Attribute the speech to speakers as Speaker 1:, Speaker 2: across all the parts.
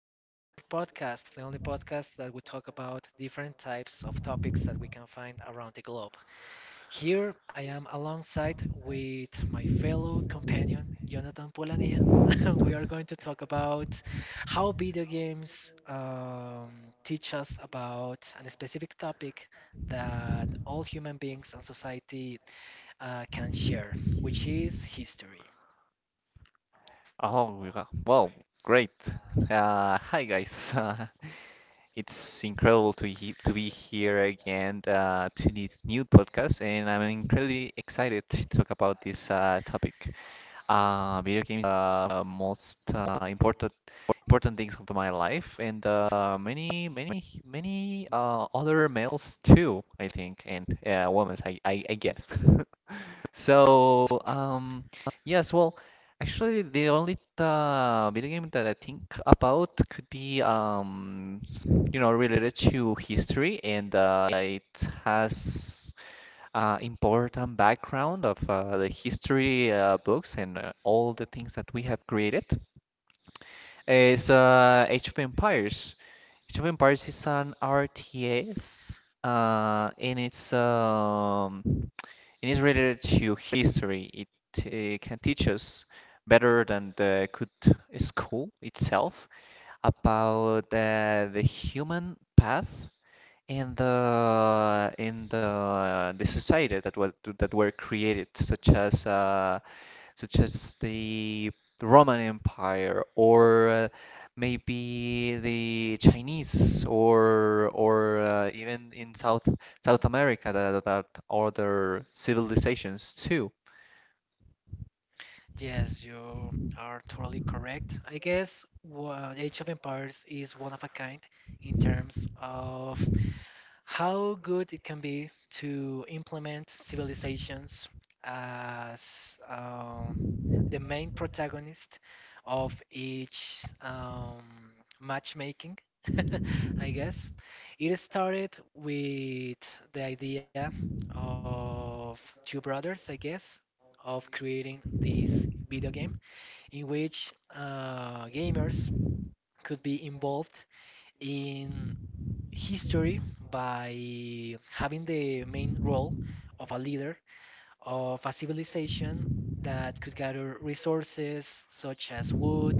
Speaker 1: Smoke and Mirror podcast, the only podcast that we talk about different types of topics that we can find around the globe. Here I am alongside with my fellow companion, Jonathan Polania, and we are going to talk about how video games teach us about a specific topic that all human beings and society can share, which is history.
Speaker 2: Oh, we got- well, great. Hi guys. It's incredible to he to be here again to this new podcast, and I'm incredibly excited to talk about this topic. Video games are most important things of my life, and many other males too, I think, and women, I guess. So, um, yes, well, actually, the only video game that I think about could be, related to history, and it has important background of the history books and all the things that we have created. It's Age of Empires. Age of Empires is an RTS, and it is related to history. It can teach us better than the good school itself about the human path and the in the the society that were created, such as the Roman Empire, or maybe the Chinese, or even in South America, that other civilizations too.
Speaker 1: Yes, you are totally correct. I guess Age of Empires is one of a kind in terms of how good it can be to implement civilizations as the main protagonist of each matchmaking, I guess. It started with the idea of two brothers, I guess, of creating this video game in which gamers could be involved in history by having the main role of a leader of a civilization that could gather resources such as wood,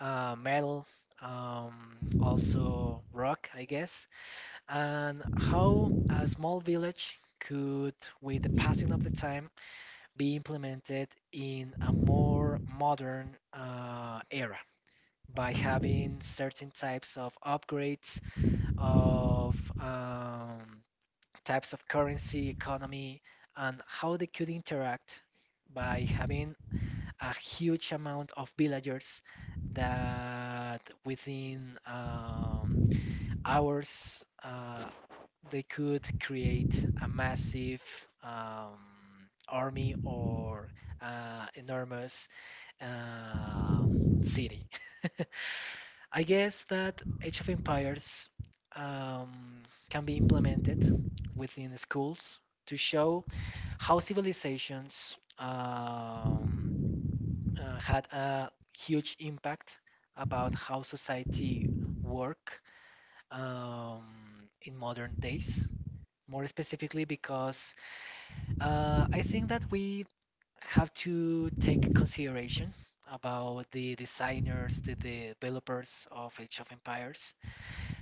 Speaker 1: metal, also rock, I guess, and how a small village could, with the passing of the time, be implemented in a more modern era by having certain types of upgrades of types of currency, economy, and how they could interact by having a huge amount of villagers that within hours they could create a massive um, army or enormous uh, city. I guess that Age of Empires um, can be implemented within the schools to show how civilizations had a huge impact about how society work um, in modern days. More specifically, because I think that we have to take consideration about the designers, the developers of Age of Empires,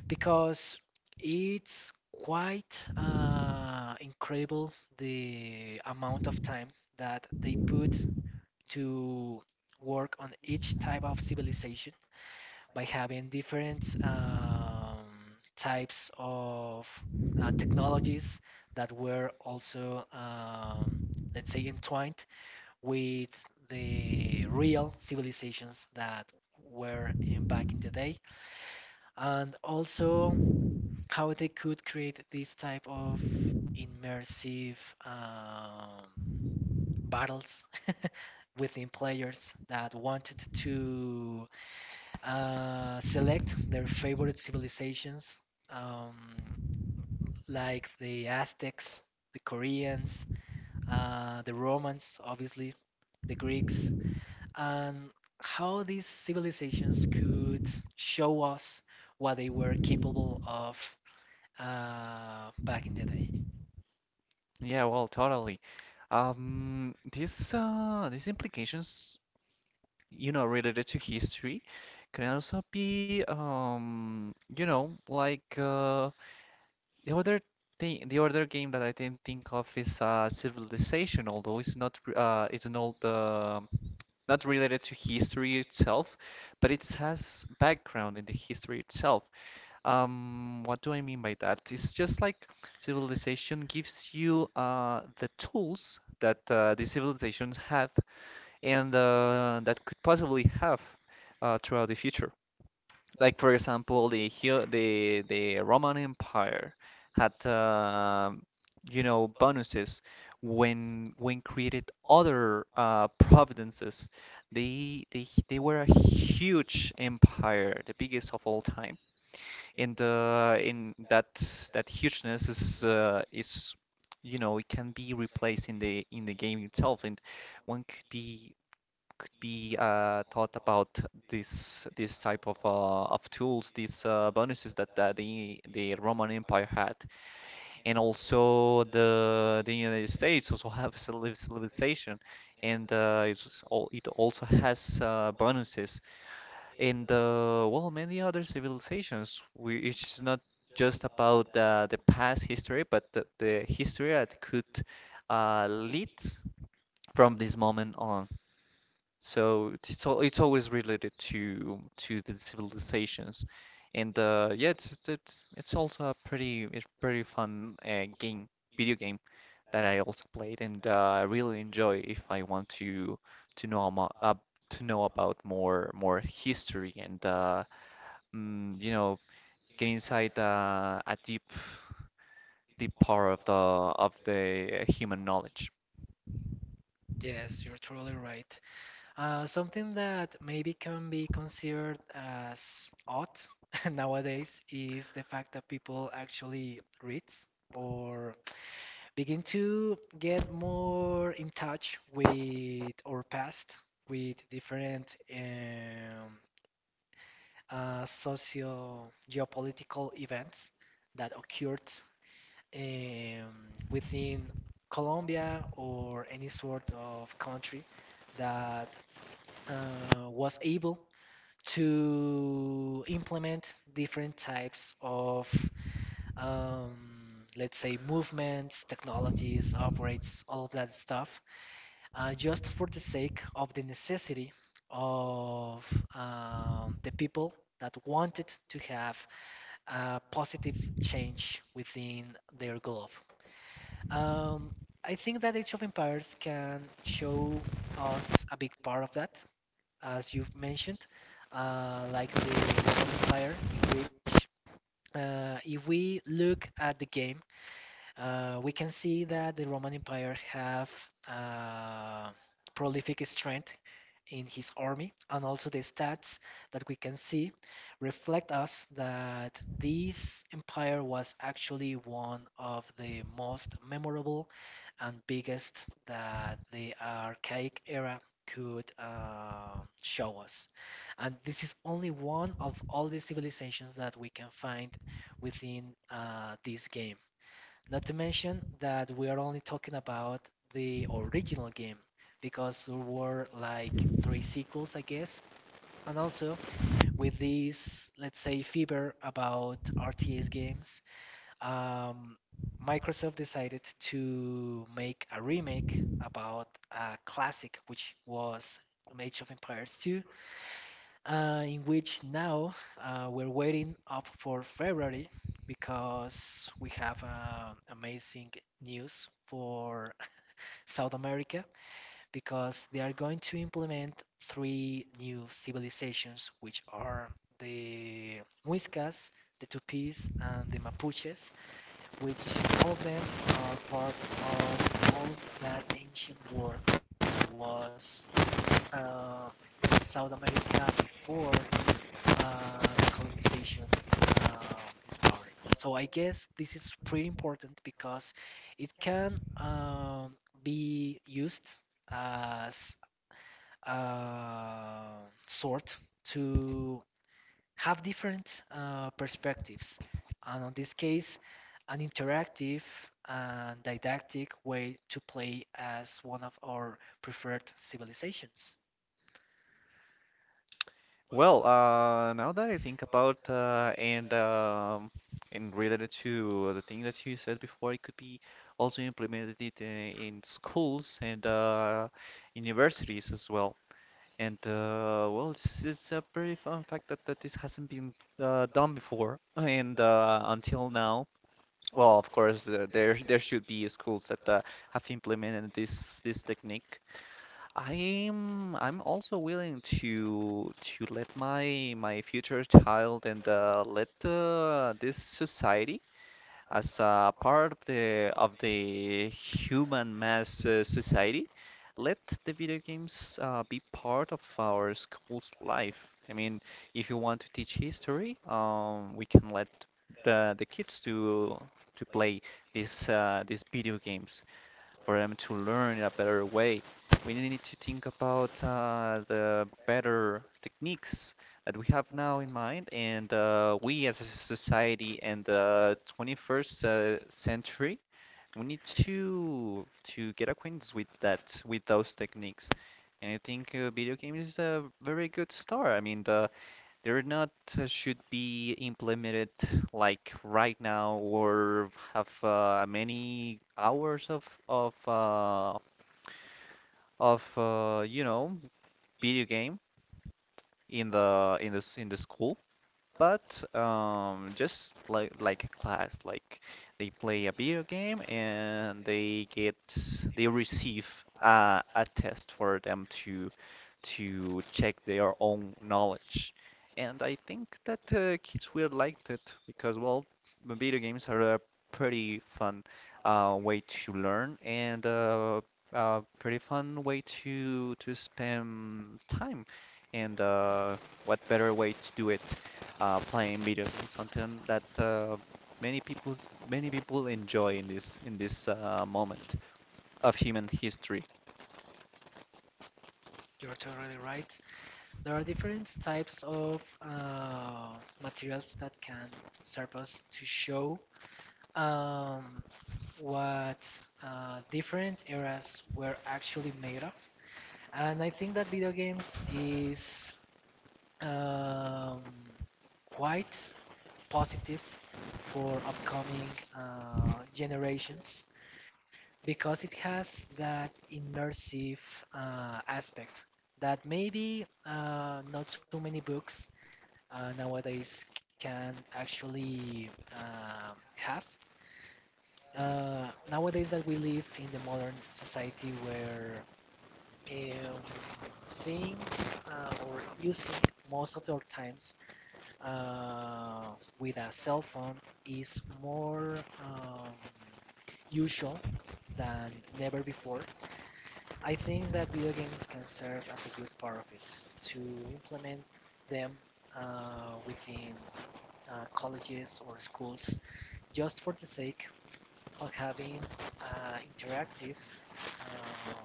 Speaker 1: because it's quite incredible the amount of time that they put to work on each type of civilization by having different types of technologies that were also, let's say, entwined with the real civilizations that were in back in the day, and also how they could create this type of immersive um, battles within players that wanted to select their favorite civilizations, um, like the Aztecs, the Koreans, the Romans, obviously, the Greeks, and how these civilizations could show us what they were capable of back in the day.
Speaker 2: Yeah, well, totally. These these implications, you know, related to history, can also be, The other thing, the other game that I didn't think of is Civilization, although it's an old not related to history itself, but it has background in the history itself. What do I mean by that? It's just like Civilization gives you the tools that the civilizations had and that could possibly have throughout the future, like for example, the Hu- the Roman Empire had you know bonuses when created other providences. They they they were a huge empire, the biggest of all time. And the in that that hugeness is, you know, it can be replaced in the game itself, and one could be thought about this type of tools, these bonuses that the Roman Empire had, and also the United States also have civilization, and it also has bonuses, and well, many other civilizations, which is not just about the past history, but the history that could lead from this moment on. So it's always related to the civilizations, and yeah, it's also a pretty it's pretty fun game video game that I also played, and I really enjoy if I want to know amo- uh, to know about more history, and you know, get inside a deep part of the human knowledge.
Speaker 1: Yes, you're totally right. Something that maybe can be considered as odd nowadays is the fact that people actually read or begin to get more in touch with our past, with different socio geopolitical events that occurred um, within Colombia or any sort of country that was able to implement different types of, let's say, movements, technologies, operates, all of that stuff, just for the sake of the necessity of the people that wanted to have a positive change within their globe. Um, I think that Age of Empires can show us a big part of that as you've mentioned, like the qualifier, in which if we look at the game, we can see that the Roman Empire have uh, prolific strength in his army, and also the stats that we can see reflect us that this empire was actually one of the most memorable and biggest that the archaic era could show us. And this is only one of all the civilizations that we can find within this game. Not to mention that we are only talking about the original game because there were like three sequels, I guess. And also with this, let's say, fever about RTS games, um, Microsoft decided to make a remake about a classic, which was Age of Empires 2, in which now we're waiting up for February because we have amazing news for South America because they are going to implement three new civilizations, which are the Muiscas, the Tupis, and the Mapuches which all of them are part of all that ancient world was uh, South America before uh, colonization uh, started. So I guess this is pretty important because it can be used as a sort to have different perspectives. And on this case, an interactive and didactic way to play as one of our preferred civilizations.
Speaker 2: Well, now that I think about and related to the thing that you said before, it could be also implemented it in schools and universities as well. And well, it's a pretty fun fact that this hasn't been done before, and until now. Well, of course, there should be schools that have implemented this technique. I'm also willing to let my future child and let this society, as a part of the human mass society, let the video games be part of our school's life. I mean, if you want to teach history, we can let the kids to play these video games for them to learn in a better way. We need to think about the better techniques that we have now in mind, and we as a society and the 21st century, we need to get acquainted with that, with those techniques. And I think video games is a very good start. I mean, they're not should be implemented like right now or have many hours of video game in the school, but just like a class, like they play a video game and they receive a test for them to check their own knowledge. And I think that kids will like it because, well, video games are a pretty fun way to learn, and a pretty fun way to spend time. And what better way to do it playing video games, something that many people enjoy in this moment of human history.
Speaker 1: You're totally right. There are different types of materials that can serve us to show um, what different eras were actually made of. And I think that video games is um, quite positive for upcoming generations because it has that immersive aspect that maybe not so many books nowadays can actually uh, have. Nowadays that we live in the modern society where um, seeing or using most of our times uh, with a cell phone is more um, usual than never before. I think that video games can serve as a good part of it to implement them within colleges or schools just for the sake of having an interactive uh,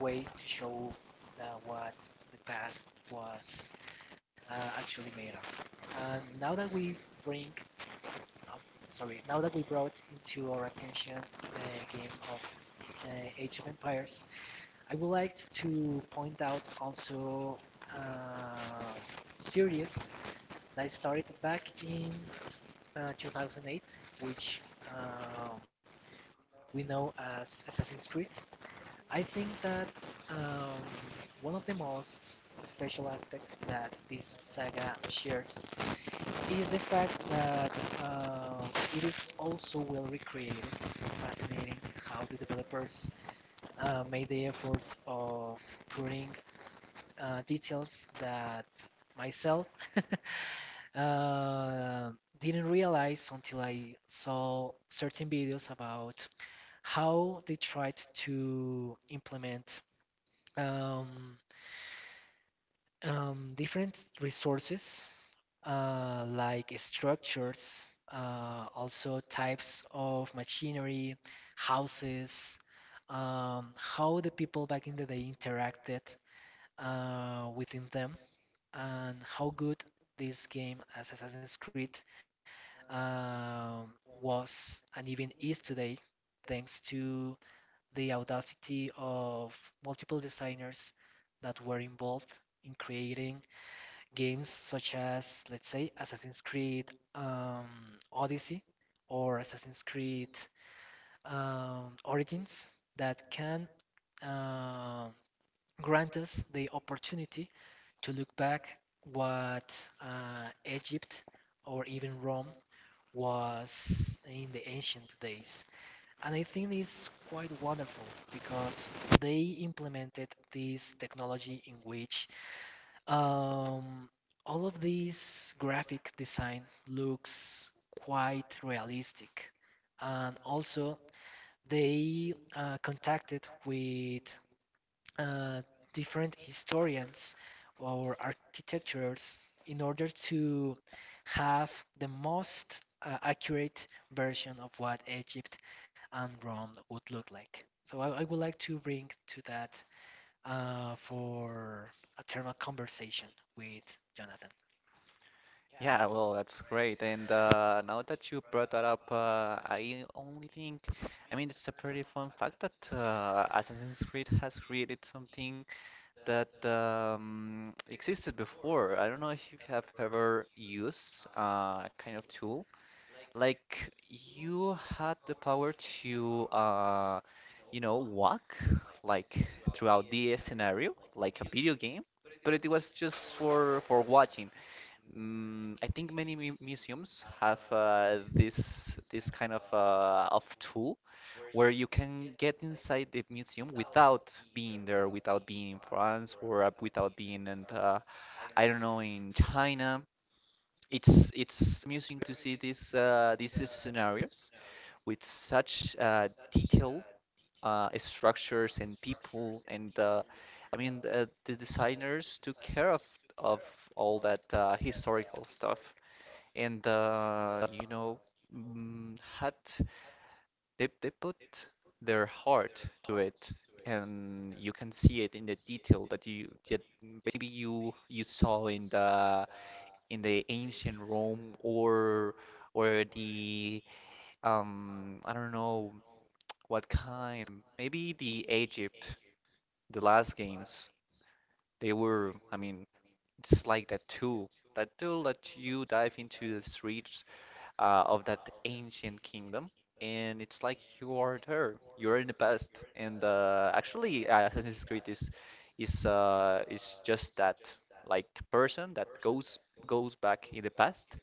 Speaker 1: way to show that what the past was actually made of. And now that we bring uh, sorry, now that we brought into our attention the game of uh, Age of Empires, I would like to point out also uh, series that started back in 2008, which uh, we know as Assassin's Creed. I think that um, one of the most special aspects that this saga shares is the fact that uh, it is also well recreated. Fascinating how the developers made the effort of putting details that myself uh, didn't realize until I saw certain videos about how they tried to implement um, different resources like structures, also types of machinery, houses, how the people back in the day interacted within them, and how good this game as Assassin's Creed um, was and even is today, thanks to the audacity of multiple designers that were involved in creating games such as, let's say, Assassin's Creed um, Odyssey or Assassin's Creed Origins that can uh, grant us the opportunity to look back what Egypt or even Rome was in the ancient days. And I think it's quite wonderful because they implemented this technology in which um, all of these graphic design looks quite realistic, and also they contacted with uh, different historians or architectures in order to have the most accurate version of what Egypt and Rome would look like. So I would like to bring to that for a thermal conversation with Jonathan.
Speaker 2: Yeah, well, that's great. And now that you brought that up, I only think, I mean, it's a pretty fun fact that Assassin's Creed has created something that existed before. I don't know if you have ever used a kind of tool. Like, you had the power to, you know, walk like throughout the scenario, like a video game, but it was just for watching. Mm, I think many mu museums have this kind of tool where you can get inside the museum without being there, without being in France, or without being in, I don't know, in China. It's amusing to see these scenarios with such detail, structures and people, and the designers took care of all that historical stuff, and you know mm, had they put their heart to it, and you can see it in the detail that you that maybe you saw in the ancient Rome, or the I don't know what kind. Maybe the Egypt, the last games. They were, I mean, it's like that tool. That tool that you dive into the streets of that ancient kingdom, and it's like you are there. You're in the past. And actually, Assassin's Creed is just that, like the person that goes back in the past,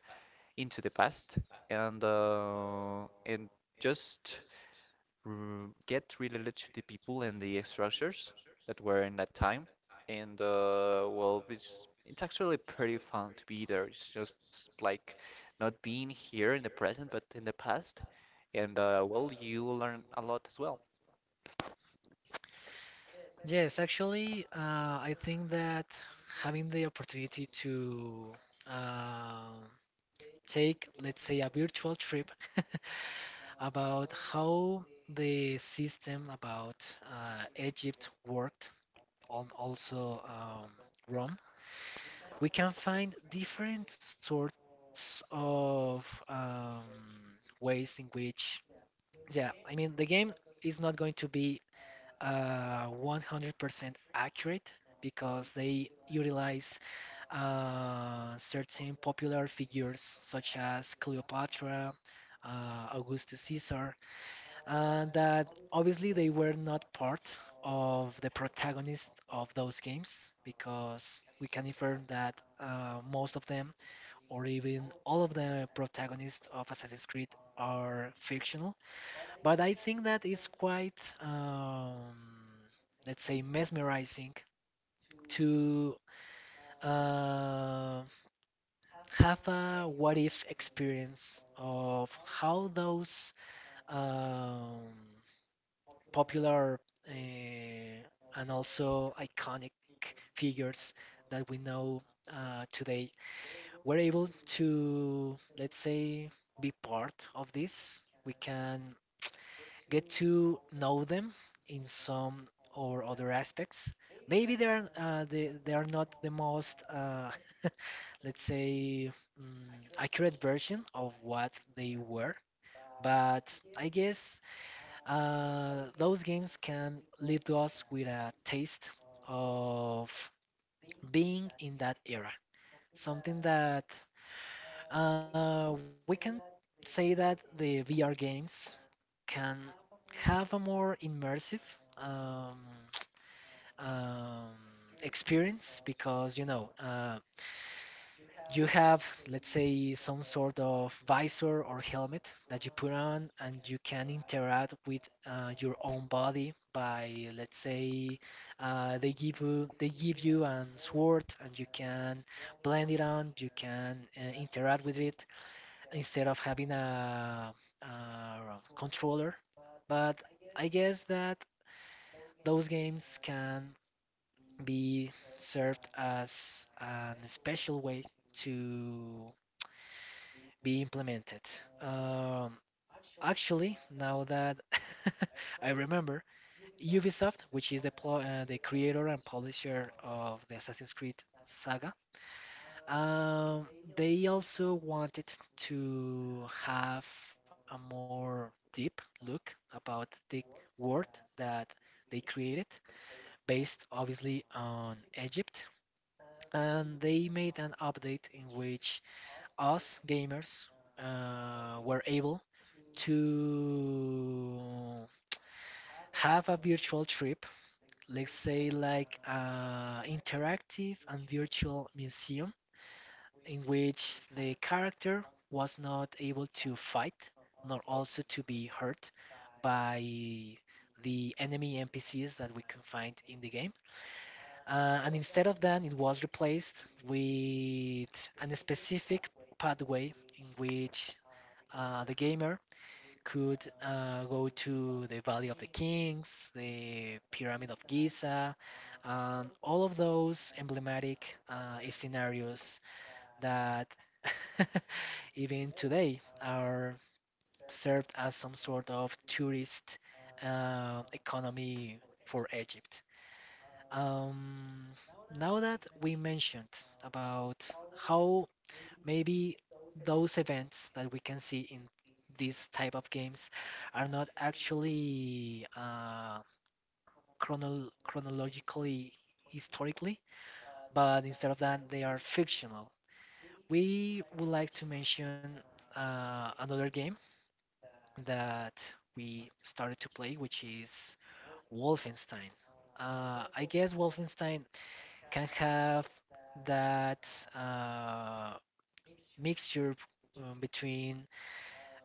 Speaker 2: into the past, and just get related to the people and the structures that were in that time. And well, it's actually pretty fun to be there. It's just like not being here in the present, but in the past. And well, you learn a lot as well.
Speaker 1: Yes, actually, I think that having the opportunity to uh, take, let's say, a virtual trip about how the system about Egypt worked, on also Rome, we can find different sorts of ways in which, yeah, I mean, the game is not going to be 100% accurate because they utilize certain popular figures such as Cleopatra, Augustus Caesar, and that obviously they were not part of the protagonist of those games because we can infer that most of them or even all of the protagonists of Assassin's Creed are fictional but I think that it's quite, let's say, mesmerizing to uh, have a what if experience of how those um, popular uh, and also iconic figures that we know today were able to, let's say, be part of this. We can get to know them in some or other aspects. Maybe they are not the most let's say accurate version of what they were, but I guess those games can leave us with a taste of being in that era. Something that we can say that the VR games can have a more immersive um, um, experience because you know you have let's say some sort of visor or helmet that you put on and you can interact with your own body by let's say they give you an sword and you can blend it on you can interact with it instead of having a controller. But I guess that those games can be served as an special way to be implemented. Um, Actually, now that I remember, Ubisoft, which is the creator and publisher of the Assassin's Creed saga, Um, they also wanted to have a more deep look about the world that they created, based obviously on Egypt. And they made an update in which us gamers were able to have a virtual trip, let's say like interactive and virtual museum in which the character was not able to fight nor also to be hurt by the enemy NPCs that we can find in the game. And instead of that, it was replaced with a specific pathway in which the gamer could go to the Valley of the Kings, the Pyramid of Giza, and all of those emblematic scenarios that even today are served as some sort of tourist economy for Egypt. Um, Now that we mentioned about how maybe those events that we can see in these type of games are not actually chronologically historically, but instead of that, they are fictional. We would like to mention another game that we started to play, which is Wolfenstein. I guess Wolfenstein can have that uh, mixture between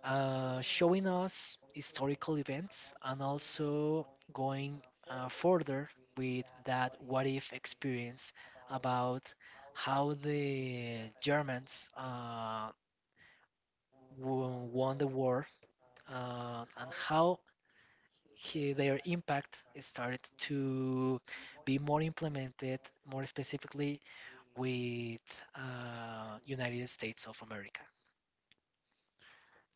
Speaker 1: showing us historical events and also going further with that what if experience about how the Germans won the war and how their impact started to be more implemented, more specifically with United States of America.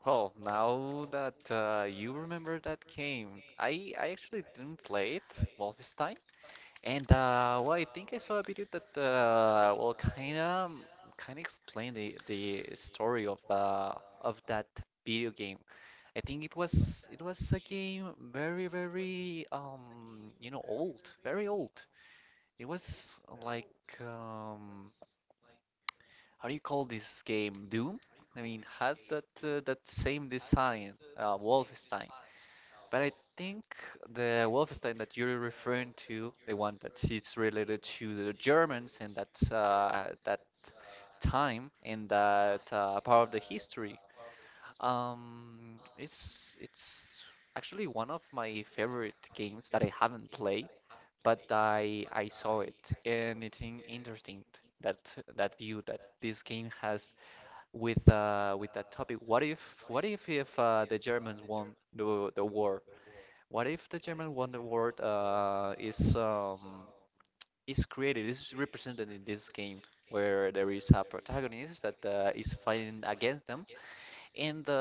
Speaker 2: Well, now that you remember that game, I actually didn't play it, Wolfenstein. And well, I think I saw a video that well, kind of explained the story of the of that video game. I think it was a game very you know old, very old. It was like um how do you call this game? Doom? I mean, had that that same design, Wolfenstein. But I think the Wolfenstein that you're referring to, the one that is related to the Germans and that that time and that part of the history, it's actually one of my favorite games that I haven't played, but I saw it, and it's interesting that that view that this game has with that topic. What if, what if the Germans won the war? What if the German Wonder World is created, is represented in this game, where there is a protagonist that is fighting against them. In the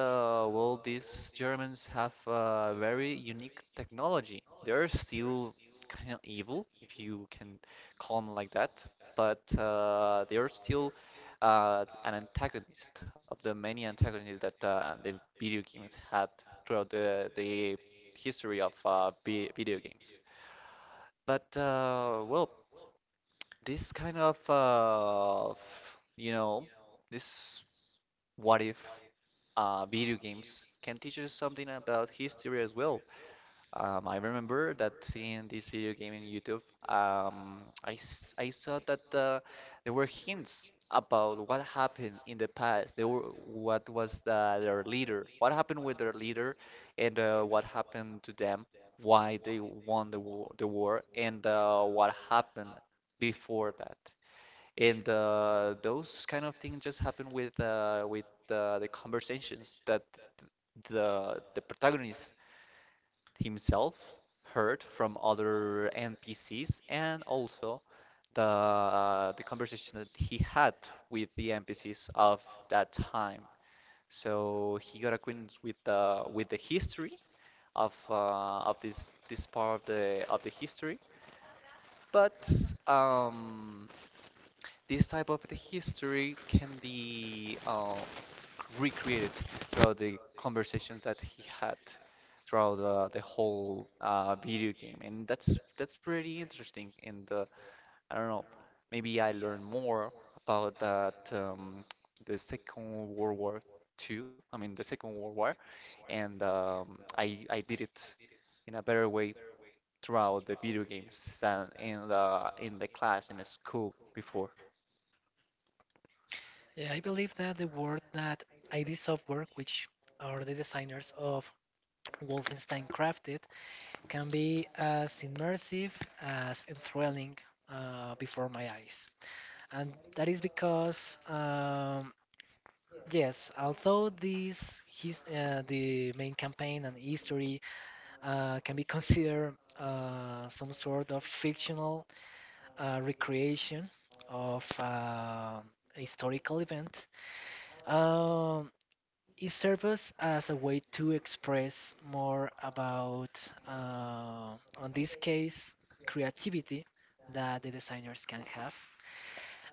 Speaker 2: world, these Germans have a very unique technology. They're still kind of evil, if you can call them like that, but they are still an antagonist of the many antagonists that the video games had throughout the history of video games. But well, this kind of you know, this what if video games can teach us something about history as well. I remember that seeing this video game in YouTube, um, I I saw that there were hints about what happened in the past. There were what was their leader, what happened with their leader, and what happened to them, why they won the war, and what happened before that. And those kind of things just happen with the conversations that the protagonist himself heard from other NPCs, and also the conversation that he had with the NPCs of that time. So he got acquainted with the history of this part of the history. But um, this type of the history can be recreated throughout the conversations that he had throughout the whole video game, and that's pretty interesting. And I don't know, maybe I learn more about that the Second World War the Second World War, and I did it in a better way throughout the video games than in the class in the school before.
Speaker 1: Yeah, I believe that the work that ID Software, which are the designers of Wolfenstein Crafted, can be as immersive as enthralling before my eyes. And that is because yes, although the main campaign and history can be considered some sort of fictional recreation of a historical event, um, it serves as a way to express more about, uh, on this case, creativity that the designers can have,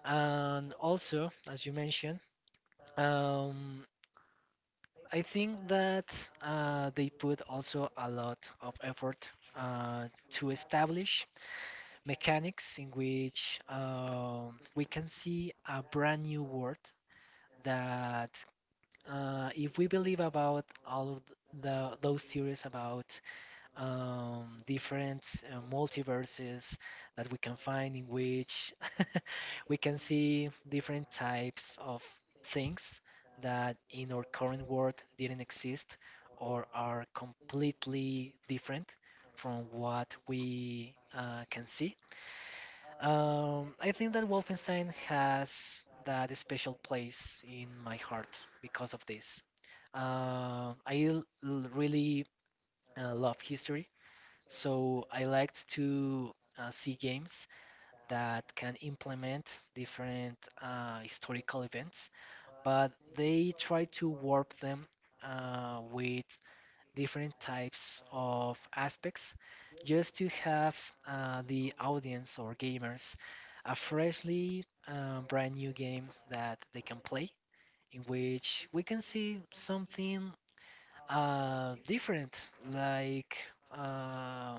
Speaker 1: and also, as you mentioned. Um, I think that they put also a lot of effort to establish mechanics in which we can see a brand new world that if we believe about all of the those theories about different multiverses that we can find in which we can see different types of things that in our current world didn't exist or are completely different from what we can see. I think that Wolfenstein has that special place in my heart because of this. Uh, I l- Really love history. So I liked to see games that can implement different historical events, but they try to warp them with different types of aspects just to have the audience or gamers a freshly brand new game that they can play, in which we can see something different, like uh,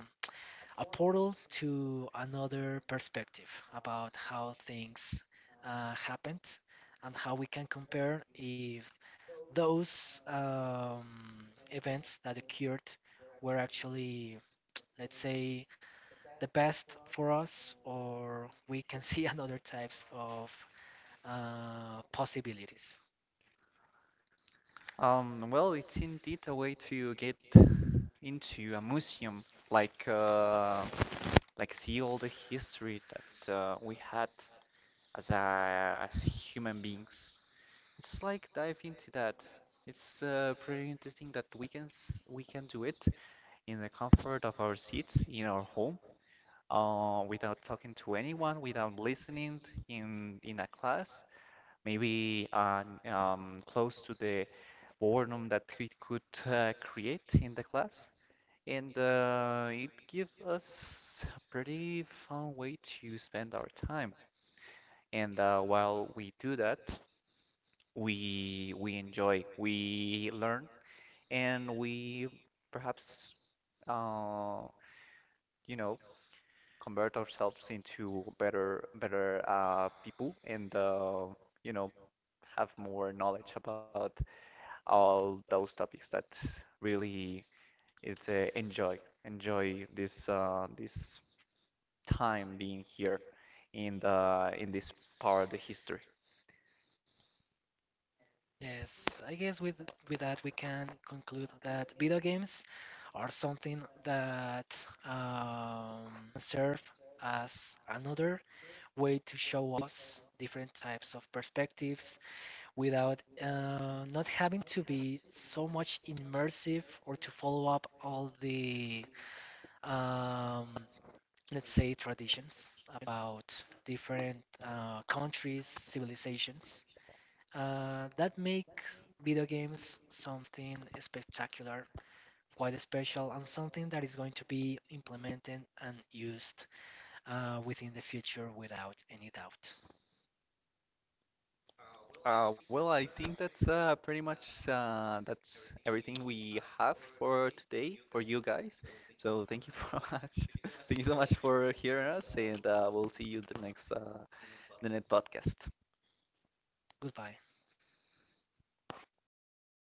Speaker 1: a portal to another perspective about how things happened and how we can compare if those events that occurred were actually, let's say, the best for us, or we can see another types of possibilities.
Speaker 2: Well, it's indeed a way to get into a museum, like uh, like see all the history that we had as a, as human beings. It's like dive into that. It's pretty interesting that we can we can do it in the comfort of our seats in our home, without talking to anyone, without listening in a class, maybe close to the boredom that we could create in the class. And it gives us a pretty fun way to spend our time. And while we do that, we enjoy, we learn, and we perhaps uh, you know convert ourselves into better people, and you know have more knowledge about all those topics that really It's uh, enjoy, enjoy this this time being here in the in this part of the history.
Speaker 1: Yes, I guess with that we can conclude that video games are something that serve as another way to show us different types of perspectives without not having to be so much immersive or to follow up all the um, let's say traditions about different countries, civilizations. That makes video games something spectacular, quite special, and something that is going to be implemented and used within the future without any doubt.
Speaker 2: Well, I think that's pretty much that's everything we have for today for you guys. So thank you for much. Thank you so much for hearing us, and we'll see you the next podcast.
Speaker 1: Goodbye.